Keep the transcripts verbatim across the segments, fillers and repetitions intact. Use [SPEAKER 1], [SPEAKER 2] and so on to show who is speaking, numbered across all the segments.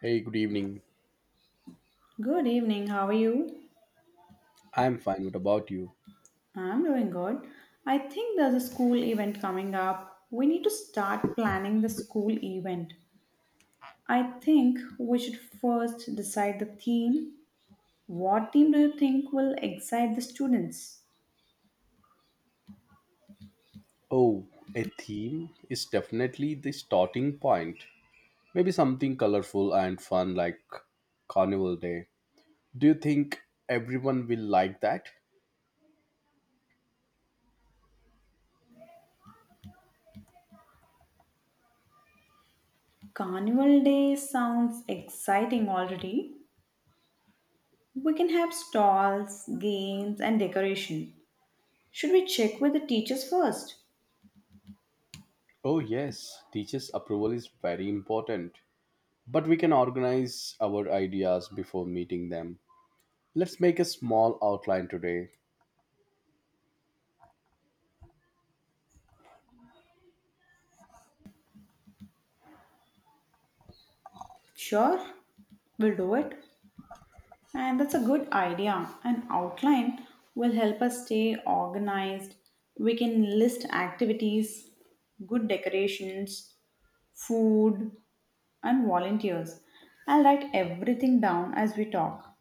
[SPEAKER 1] Hey, good evening.
[SPEAKER 2] Good evening, how are you?
[SPEAKER 1] I'm fine. What about you?
[SPEAKER 2] I'm doing good. I think there's a school event coming up. We need to start planning the school event. I think we should first decide the theme. What theme do you think will excite the students?
[SPEAKER 1] Oh, a theme is definitely the starting point. Maybe something colorful and fun like Carnival Day. Do you think everyone will like that?
[SPEAKER 2] Carnival Day sounds exciting already. We can have stalls, games, and decoration. Should we check with the teachers first?
[SPEAKER 1] Oh, yes. Teachers' approval is very important. But we can organize our ideas before meeting them. Let's make a small outline today.
[SPEAKER 2] Sure, we'll do it. And that's a good idea. An outline will help us stay organized. We can list activities, good decorations, food, and volunteers. I'll write everything down as we talk.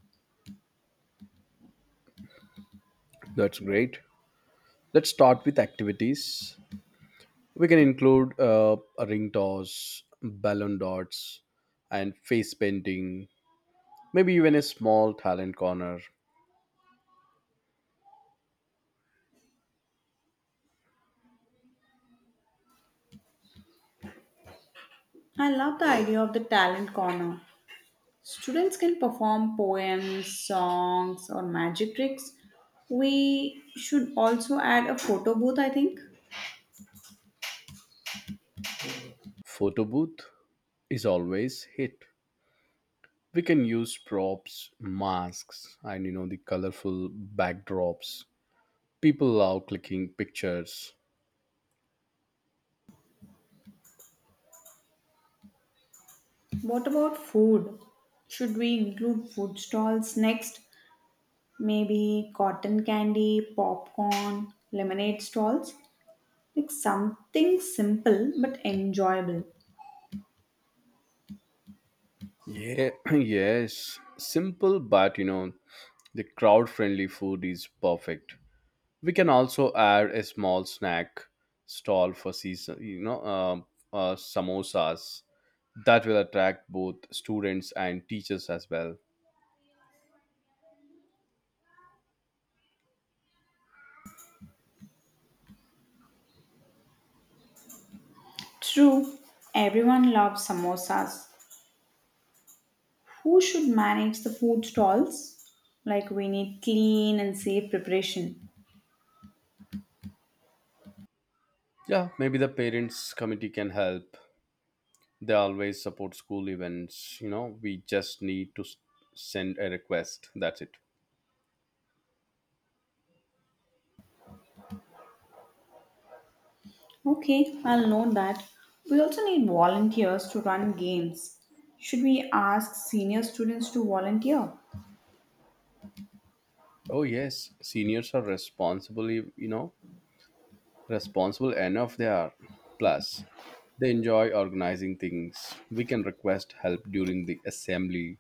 [SPEAKER 1] That's great. Let's start with activities. We can include uh, a ring toss, balloon dots, and face painting, maybe even a small talent corner.
[SPEAKER 2] I love the idea of the talent corner. Students can perform poems, songs, or magic tricks. We should also add a photo booth, I think.
[SPEAKER 1] Photo booth is always hit. We can use props, masks, and you know the colorful backdrops. People love clicking pictures.
[SPEAKER 2] What about food? Should we include food stalls next? Maybe cotton candy, popcorn, lemonade stalls, like something simple but enjoyable.
[SPEAKER 1] Yeah, yes, simple but you know the crowd friendly food is perfect. We can also add a small snack stall for season, you know, um uh, samosas that will attract both students and teachers as well.
[SPEAKER 2] True, everyone loves samosas. Who should manage the food stalls? Like we need clean and safe preparation.
[SPEAKER 1] Yeah, maybe the parents committee can help. They always support school events. You know, we just need to s- send a request. That's it.
[SPEAKER 2] Okay, I'll note that. We also need volunteers to run games. Should we ask senior students to volunteer?
[SPEAKER 1] Oh yes, seniors are responsibly, you know, responsible enough they are. Plus, they enjoy organizing things. We can request help during the assembly.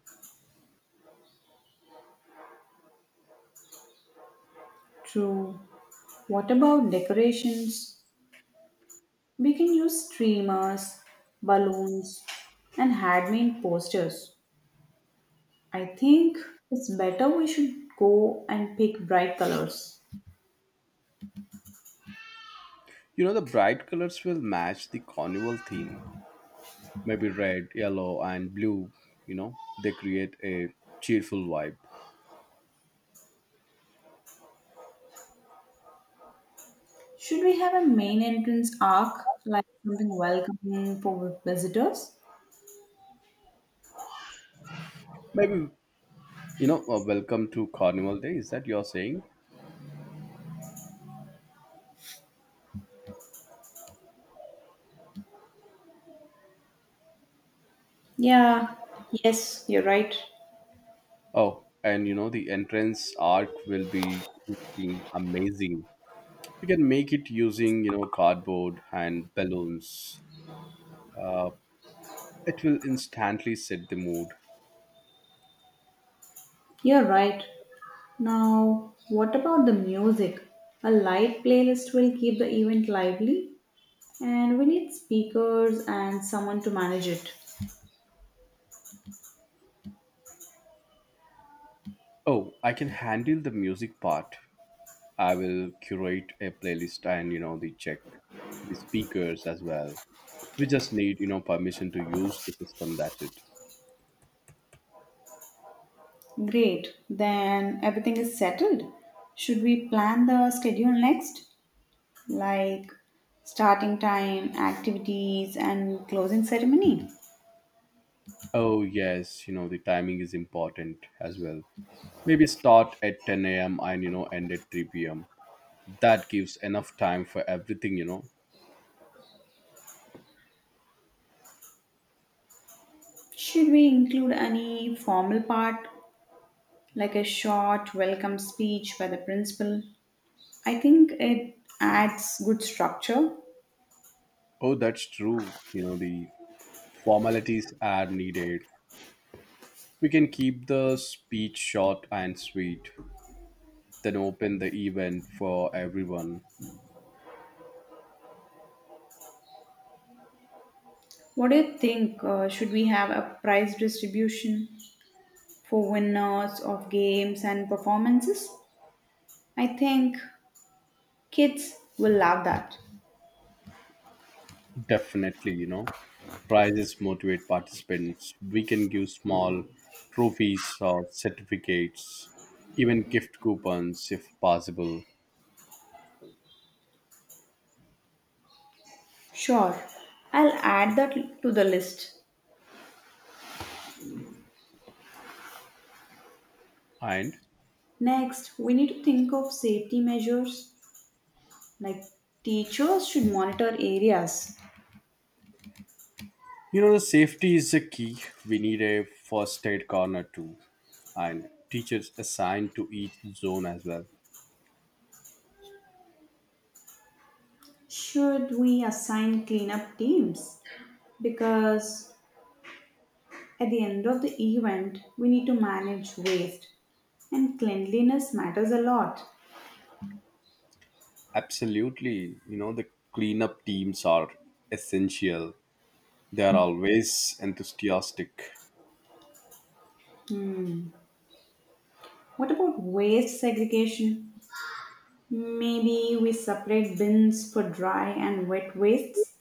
[SPEAKER 2] True. What about decorations? We can use streamers, balloons, and handmade posters. I think it's better we should go and pick bright colors.
[SPEAKER 1] You know, the bright colors will match the carnival theme. Maybe red, yellow, and blue, you know, they create a cheerful vibe.
[SPEAKER 2] Should we have a main entrance arc, like something welcoming for visitors?
[SPEAKER 1] Maybe, you know, a welcome to Carnival Day. Is that you're saying?
[SPEAKER 2] Yeah, yes, you're right.
[SPEAKER 1] Oh, and you know, the entrance arc will be looking amazing. We can make it using, you know, cardboard and balloons. Uh, it will instantly set the mood.
[SPEAKER 2] You're right. Now, what about the music? A light playlist will keep the event lively, and we need speakers and someone to manage it.
[SPEAKER 1] Oh, I can handle the music part. I will curate a playlist and you know the check the speakers as well. We just need you know permission to use the system. That's it.
[SPEAKER 2] Great. Then everything is settled. Should we plan the schedule next? Like starting time, activities, and closing ceremony?
[SPEAKER 1] Oh yes, you know the timing is important as well. Maybe start at ten a m and you know end at three p m. That gives enough time for everything. You know.
[SPEAKER 2] Should we include any formal part, like a short welcome speech by the principal? I think it adds good structure.
[SPEAKER 1] Oh, that's true. You know the formalities are needed. We can keep the speech short and sweet, then open the event for everyone.
[SPEAKER 2] What do you think? Uh, should we have a prize distribution for winners of games and performances? I think kids will love that.
[SPEAKER 1] Definitely, you know, prizes motivate participants. We can give small trophies or certificates, even gift coupons if possible.
[SPEAKER 2] Sure, I'll add that to the list.
[SPEAKER 1] And
[SPEAKER 2] Next, we need to think of safety measures like teachers should monitor areas.
[SPEAKER 1] you know, the safety is the key. We need a first aid corner too, and teachers assigned to each zone as well.
[SPEAKER 2] Should we assign cleanup teams? Because at the end of the event, we need to manage waste, and cleanliness matters a lot.
[SPEAKER 1] Absolutely, you know, the cleanup teams are essential. They are always enthusiastic.
[SPEAKER 2] What about waste segregation? Maybe we separate bins for dry and wet wastes.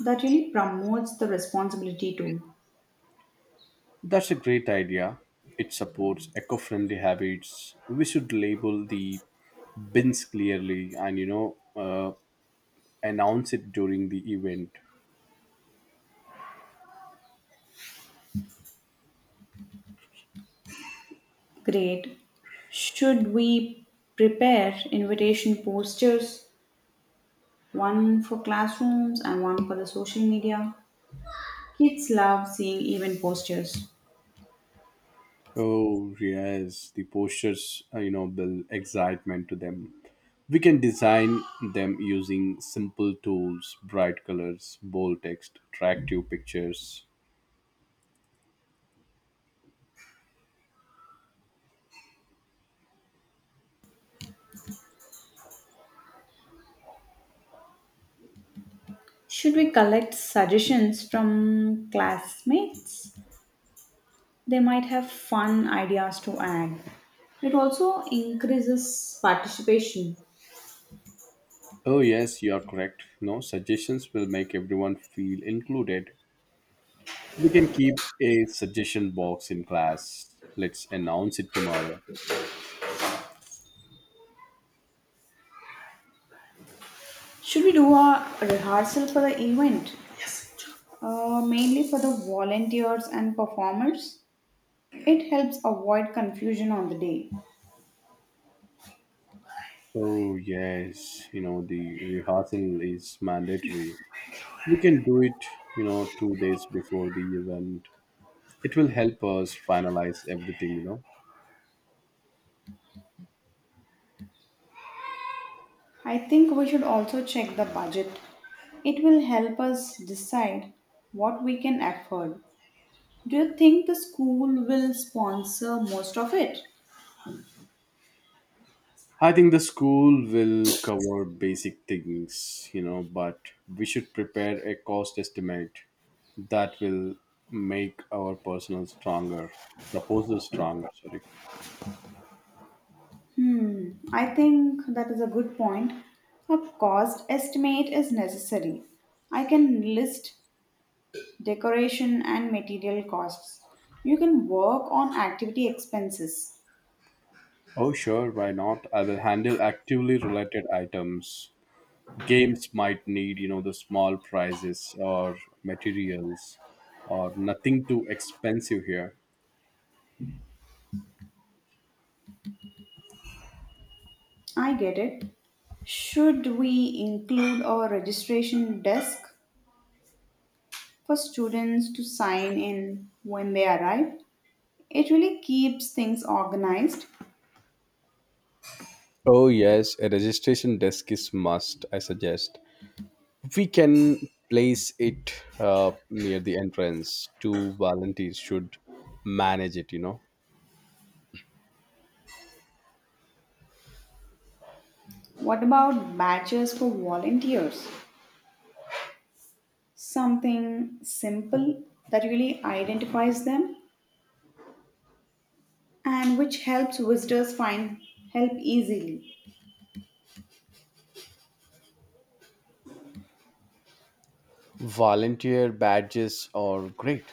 [SPEAKER 2] That really promotes the responsibility too.
[SPEAKER 1] That's a great idea. It supports eco friendly habits. We should label the bins clearly and, you know, uh, announce it during the event.
[SPEAKER 2] Great. Should we prepare invitation posters, one for classrooms and one for the social media? Kids love seeing event posters.
[SPEAKER 1] Oh, yes, the posters, uh, you know, build excitement to them. We can design them using simple tools, bright colors, bold text, attractive pictures.
[SPEAKER 2] Should we collect suggestions from classmates? They might have fun ideas to add. It also increases participation.
[SPEAKER 1] Oh, yes, you are correct. No, suggestions will make everyone feel included. We can keep a suggestion box in class. Let's announce it tomorrow.
[SPEAKER 2] Should we do a rehearsal for the event? Uh, mainly for the volunteers and performers. It helps avoid confusion on the day.
[SPEAKER 1] Oh, yes, you know, the rehearsal is mandatory. We can do it, you know, two days before the event. It will help us finalize everything, you know.
[SPEAKER 2] I think we should also check the budget. It will help us decide what we can afford. Do you think the school will sponsor most of it?
[SPEAKER 1] I think the school will cover basic things, you know, but we should prepare a cost estimate that will make our personal stronger, proposal stronger, sorry.
[SPEAKER 2] Hmm, I think that is a good point. A cost estimate is necessary. I can list decoration and material costs. You can work on activity expenses.
[SPEAKER 1] Oh, sure, why not? I will handle actively related items. Games might need, you know, the small prizes or materials or nothing too expensive here.
[SPEAKER 2] I get it. Should we include a registration desk? For students to sign in when they arrive. It really keeps things organized.
[SPEAKER 1] Oh yes, a registration desk is must. I suggest we can place it uh, near the entrance. Two volunteers should manage it. You know,
[SPEAKER 2] What about badges for volunteers? Something simple that really identifies them and which helps visitors find help easily.
[SPEAKER 1] volunteer badges are great.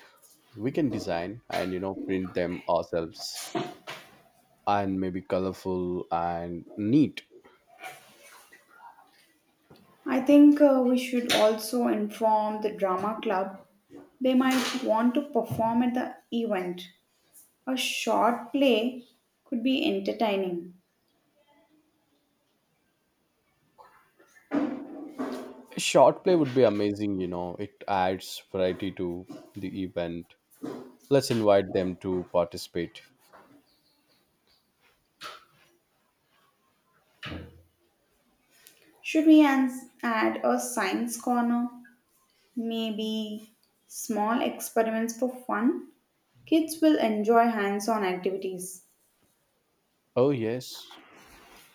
[SPEAKER 1] We can design and you know print them ourselves, and maybe colorful and neat.
[SPEAKER 2] I think uh, we should also inform the drama club they might want to perform at the event. A short play could be entertaining.
[SPEAKER 1] Short play would be amazing, you know. It adds variety to the event. Let's invite them to participate.
[SPEAKER 2] Should we ans- add a science corner? Maybe small experiments for fun. Kids will enjoy hands on activities.
[SPEAKER 1] Oh yes.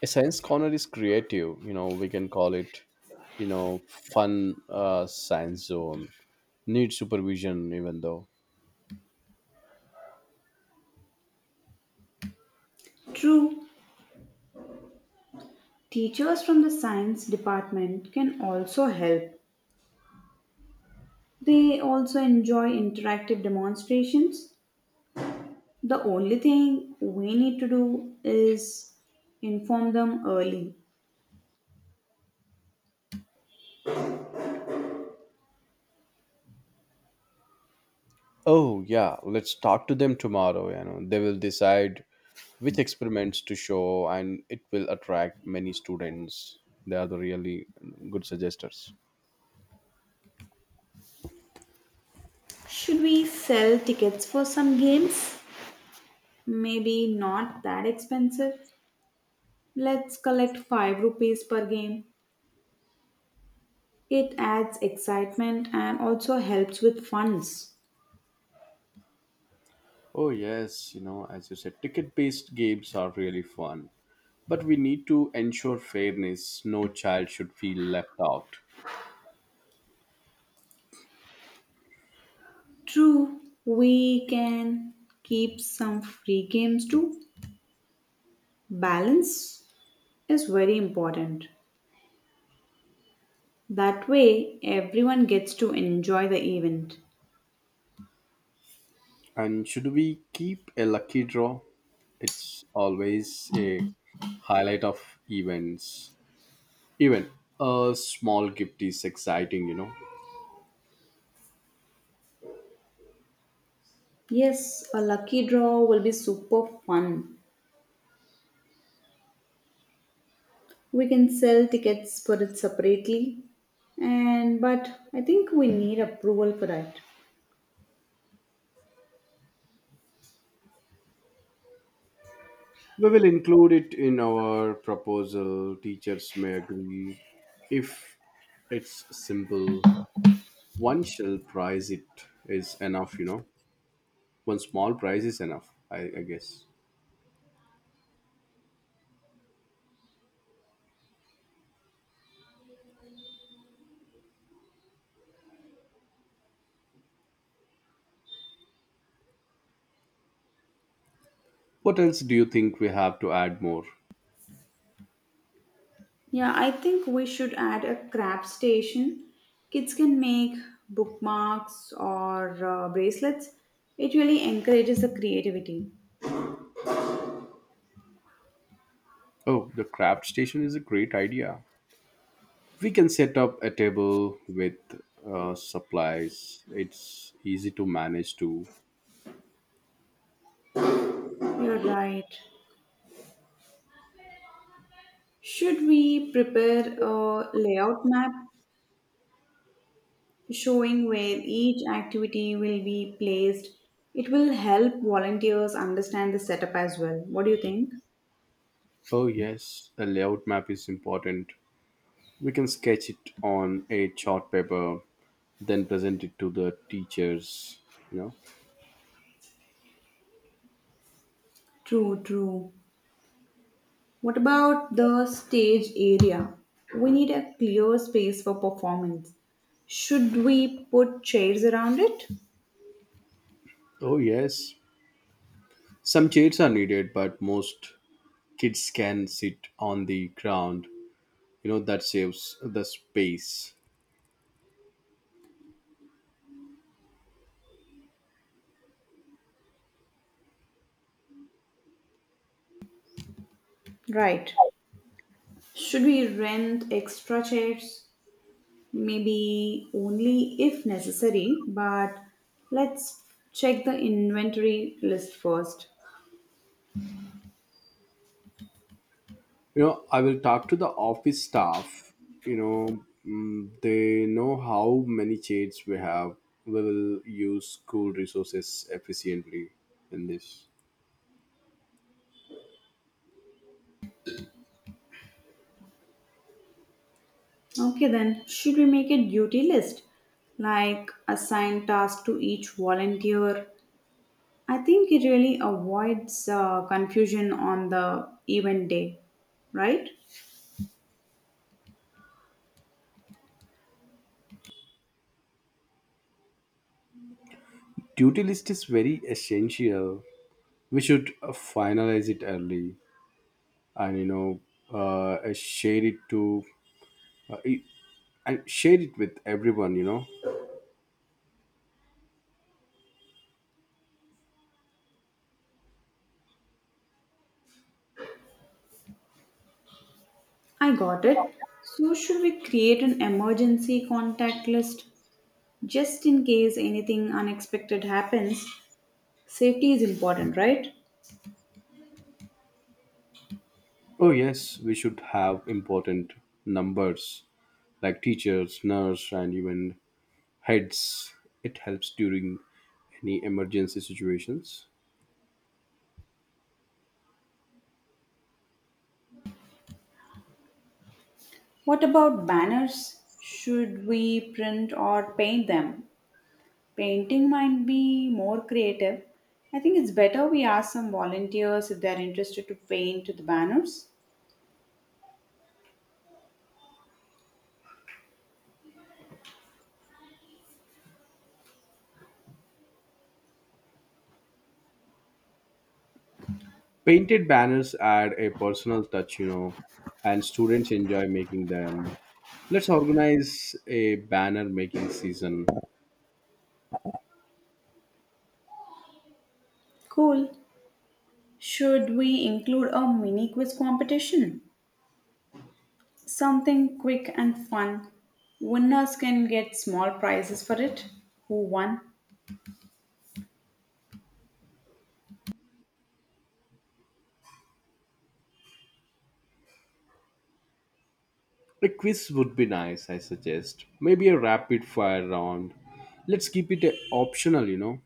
[SPEAKER 1] A science corner is creative, you know, we can call it, you know, fun uh, science zone. Need supervision even though.
[SPEAKER 2] True, teachers from the science department can also help. They also enjoy interactive demonstrations. The only thing we need to do is inform them early.
[SPEAKER 1] Oh, yeah, let's talk to them tomorrow. You know, they will decide which experiments to show, and it will attract many students. They are the really good suggestors.
[SPEAKER 2] Should we sell tickets for some games? Maybe not that expensive. Let's collect five rupees per game. It adds excitement and also helps with funds.
[SPEAKER 1] Oh, yes, you know, as you said, ticket based games are really fun. But we need to ensure fairness. No child should feel left out.
[SPEAKER 2] True, we can keep some free games too. Balance is very important. That way, everyone gets to enjoy the event.
[SPEAKER 1] And should we keep a lucky draw? It's always a highlight of events. Even a small gift is exciting, you know.
[SPEAKER 2] Yes, a lucky draw will be super fun. We can sell tickets for it separately, and but I think we need approval for that.
[SPEAKER 1] We will include it in our proposal. Teachers may agree if it's simple. One shall prize it is enough, you know. One small prize is enough, I, I guess. What else do you think we have to add more?
[SPEAKER 2] Yeah, I think we should add a craft station. Kids can make bookmarks or uh, bracelets. It really encourages the creativity.
[SPEAKER 1] Oh, the craft station is a great idea. We can set up a table with uh, supplies. It's easy to manage too.
[SPEAKER 2] You're right. Should we prepare a layout map showing where each activity will be placed? It will help volunteers understand the setup as well. What do you think?
[SPEAKER 1] Oh, yes, a layout map is important. We can sketch it on a chart paper then present it to the teachers you know
[SPEAKER 2] True, true. What about the stage area? We need a clear space for performance. Should we put chairs around it?
[SPEAKER 1] oh yes, some chairs are needed, but most kids can sit on the ground. you know that saves the space.
[SPEAKER 2] Right. Should we rent extra chairs? Maybe only if necessary, but let's check the inventory list first.
[SPEAKER 1] You know, I will talk to the office staff. You know mm, they know how many chairs we have. We will use school resources efficiently in this.
[SPEAKER 2] Okay, then, should we make a duty list? Like assign tasks to each volunteer. I think it really avoids uh, confusion on the event day, right?
[SPEAKER 1] Duty list is very essential. We should uh, finalize it early, and you know uh, I share it to uh, it- and share it with everyone you know
[SPEAKER 2] I got it. So, should we create an emergency contact list just in case anything unexpected happens? Safety is important, right?
[SPEAKER 1] Oh yes, we should have important numbers like teachers, nurse, and even heads. It helps during any emergency situations.
[SPEAKER 2] What about banners? Should we print or paint them? Painting might be more creative. I think it's better we ask some volunteers if they're interested to paint the banners.
[SPEAKER 1] Painted banners add a personal touch, you know and students enjoy making them. Let's organize a banner making season.
[SPEAKER 2] Cool. Should we include a mini quiz competition? Something quick and fun. Winners can get small prizes for it. Who won?
[SPEAKER 1] A quiz would be nice, I suggest. Maybe a rapid fire round. Let's keep it uh, optional, you know.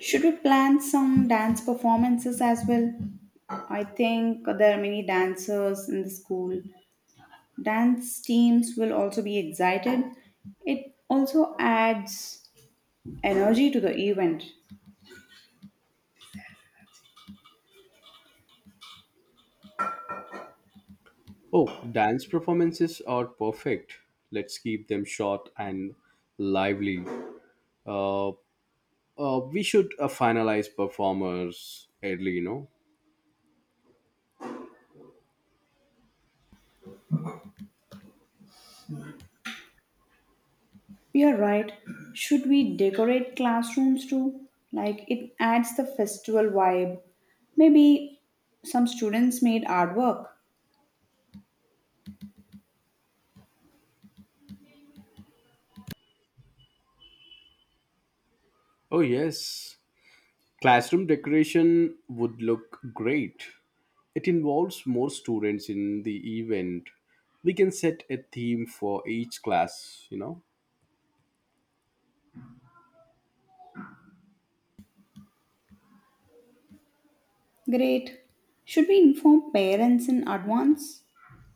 [SPEAKER 2] Should we plan some dance performances as well? I think there are many dancers in the school. Dance teams will also be excited. It also adds energy to the event.
[SPEAKER 1] Oh, dance performances are perfect. Let's keep them short and lively. Uh, uh, we should uh, finalize performers early, you know.
[SPEAKER 2] You're right. Should we decorate classrooms too? Like it adds the festival vibe. Maybe some students made artwork.
[SPEAKER 1] Oh, yes. Classroom decoration would look great. It involves more students in the event. We can set a theme for each class, you know.
[SPEAKER 2] Great. Should we inform parents in advance?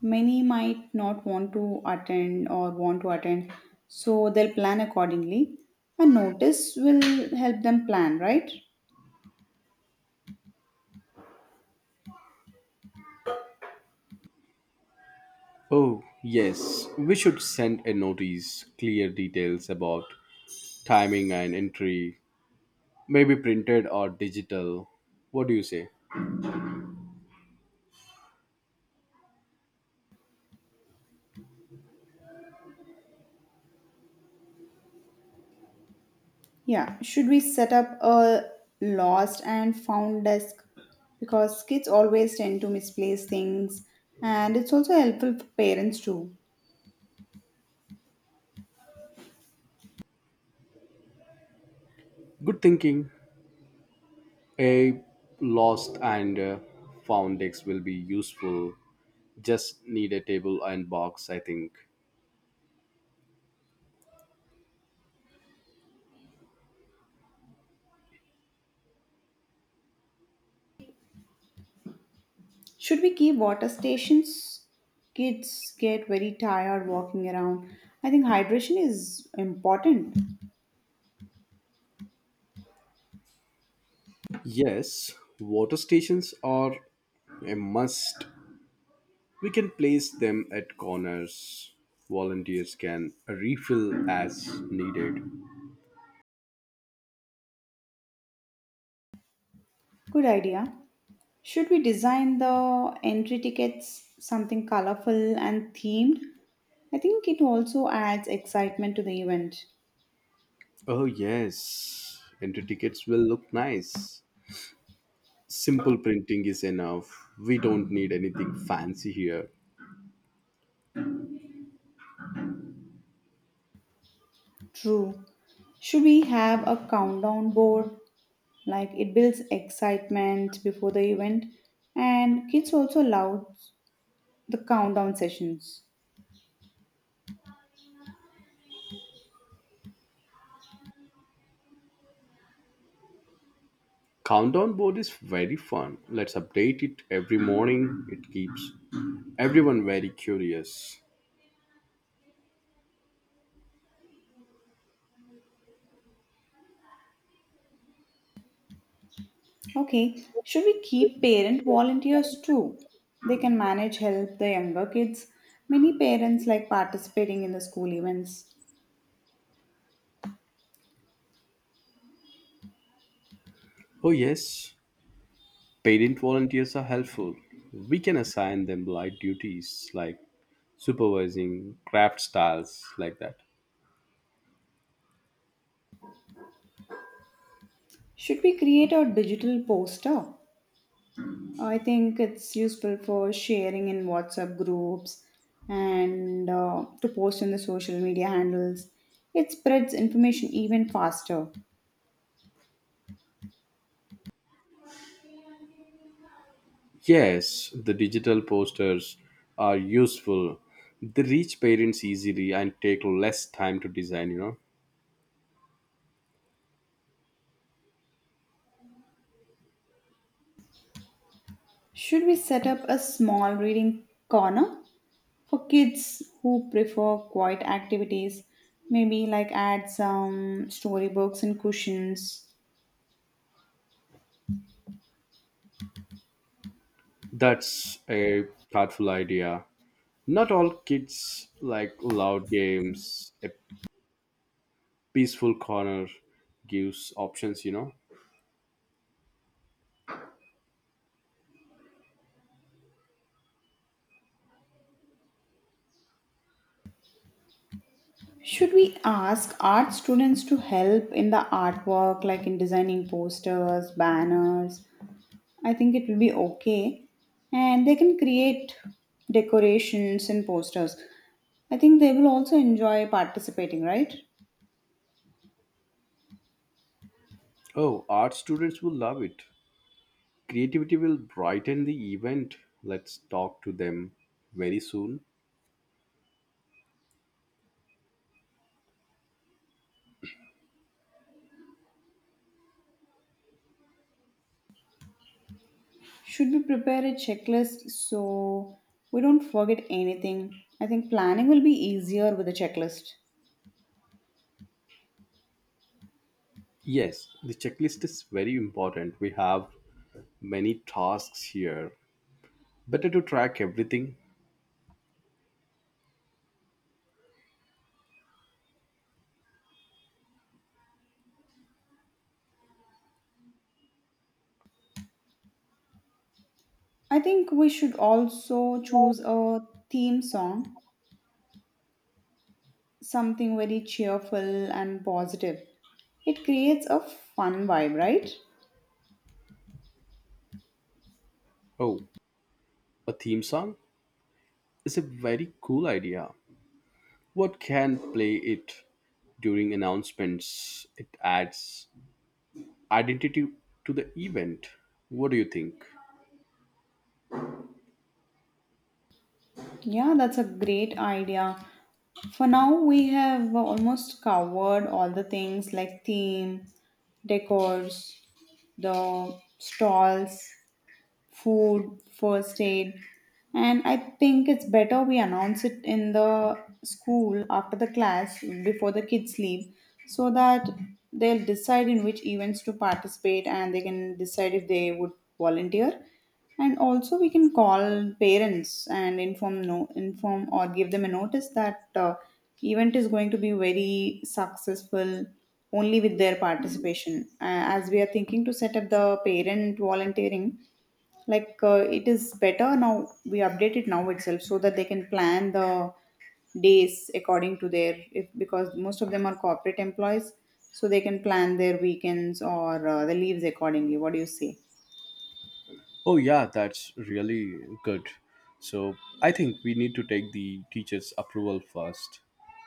[SPEAKER 2] Many might not want to attend or want to attend, so they'll plan accordingly. A notice will help them plan, right?
[SPEAKER 1] Oh, yes. We should send a notice, clear details about timing and entry, maybe printed or digital. What do you say?
[SPEAKER 2] Yeah, should we set up a lost and found desk? Because kids always tend to misplace things, and it's also helpful for parents too.
[SPEAKER 1] Good thinking. A lost and uh, found X will be useful. Just need a table and box, I think.
[SPEAKER 2] Should we keep water stations? Kids get very tired walking around. I think hydration is important.
[SPEAKER 1] Yes, water stations are a must. We can place them at corners. Volunteers can refill as needed.
[SPEAKER 2] Good idea. Should we design the entry tickets something colorful and themed? I think it also adds excitement to the event.
[SPEAKER 1] Oh, yes. Entry tickets will look nice. Simple printing is enough. We don't need anything fancy here.
[SPEAKER 2] True. Should we have a countdown board? Like it builds excitement before the event, and kids also love the countdown sessions.
[SPEAKER 1] Countdown board is very fun. Let's update it every morning. It keeps everyone very curious.
[SPEAKER 2] Okay, should we keep parent volunteers too? They can manage help the younger kids. Many parents like participating in the school events.
[SPEAKER 1] Oh, yes. Parent volunteers are helpful. We can assign them light duties like supervising craft styles, like that.
[SPEAKER 2] Should we create a digital poster? Uh, I think it's useful for sharing in WhatsApp groups and uh, to post in the social media handles. It spreads information even faster.
[SPEAKER 1] Yes, the digital posters are useful. They reach parents easily and take less time to design, you know.
[SPEAKER 2] Should we set up a small reading corner for kids who prefer quiet activities? Maybe like add some storybooks and cushions.
[SPEAKER 1] That's a thoughtful idea. Not all kids like loud games. A peaceful corner gives options, you know.
[SPEAKER 2] Should we ask art students to help in the artwork, like in designing posters, banners? I think it will be okay. And they can create decorations and posters. I think they will also enjoy participating, right?
[SPEAKER 1] Oh, art students will love it. Creativity will brighten the event. Let's talk to them very soon.
[SPEAKER 2] Should we prepare a checklist so we don't forget anything? I think planning will be easier with a checklist.
[SPEAKER 1] Yes, the checklist is very important. We have many tasks here. Better to track everything.
[SPEAKER 2] I think we should also choose a theme song, something very cheerful and positive. It creates a fun vibe, right?
[SPEAKER 1] Oh, a theme song is a very cool idea. What can play it during announcements? It adds identity to the event. What do you think?
[SPEAKER 2] Yeah, that's a great idea. For now, we have almost covered all the things like theme, decors, the stalls, food, first aid. And I think it's better we announce it in the school after the class before the kids leave so that they'll decide in which events to participate and they can decide if they would volunteer. And also we can call parents and inform no inform or give them a notice that uh, event is going to be very successful only with their participation. Uh, as we are thinking to set up the parent volunteering like uh, it is better now we update it now itself so that they can plan the days according to their if because most of them are corporate employees so they can plan their weekends or uh, the leaves accordingly. What do you say?
[SPEAKER 1] Oh, yeah, that's really good. So, I think we need to take the teacher's approval first.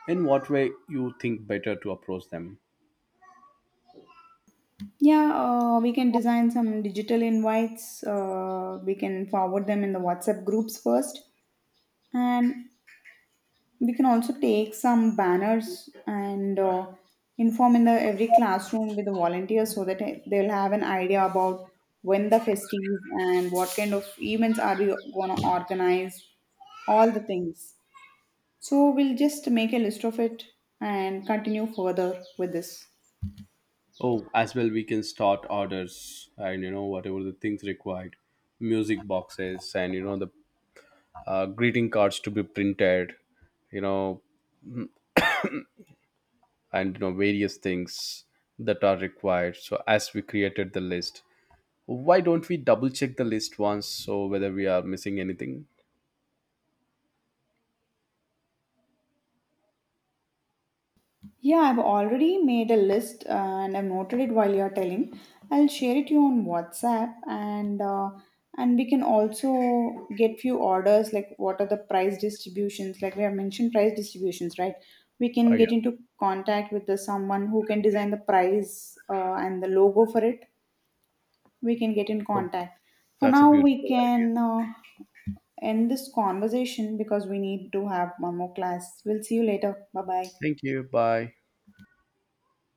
[SPEAKER 1] In what way you think better to approach them?
[SPEAKER 2] Yeah, uh, we can design some digital invites. Uh, we can forward them in the WhatsApp groups first. And we can also take some banners and uh, inform in the every classroom with the volunteers so that eh, they'll have an idea about when the festive and what kind of events are we going to organize, all the things. So we'll just make a list of it and continue further with this.
[SPEAKER 1] Oh, as well we can start orders and you know whatever the things required, music boxes and you know the uh, greeting cards to be printed, you know and you know various things that are required. So as we created the list, why don't we double check the list once, so whether we are missing anything.
[SPEAKER 2] Yeah, I've already made a list uh, and I've noted it while you're telling. I'll share it you on WhatsApp and uh, and we can also get few orders like what are the price distributions, like we have mentioned price distributions, right? We can
[SPEAKER 1] Oh
[SPEAKER 2] get
[SPEAKER 1] yeah.
[SPEAKER 2] into contact with the someone who can design the price uh, and the logo for it. We can get in
[SPEAKER 1] Oh,
[SPEAKER 2] contact for
[SPEAKER 1] that's a
[SPEAKER 2] now. We
[SPEAKER 1] beautiful idea.
[SPEAKER 2] can uh, end this conversation because we need to have one more class. We'll see you later. Bye bye.
[SPEAKER 1] Thank you. Bye.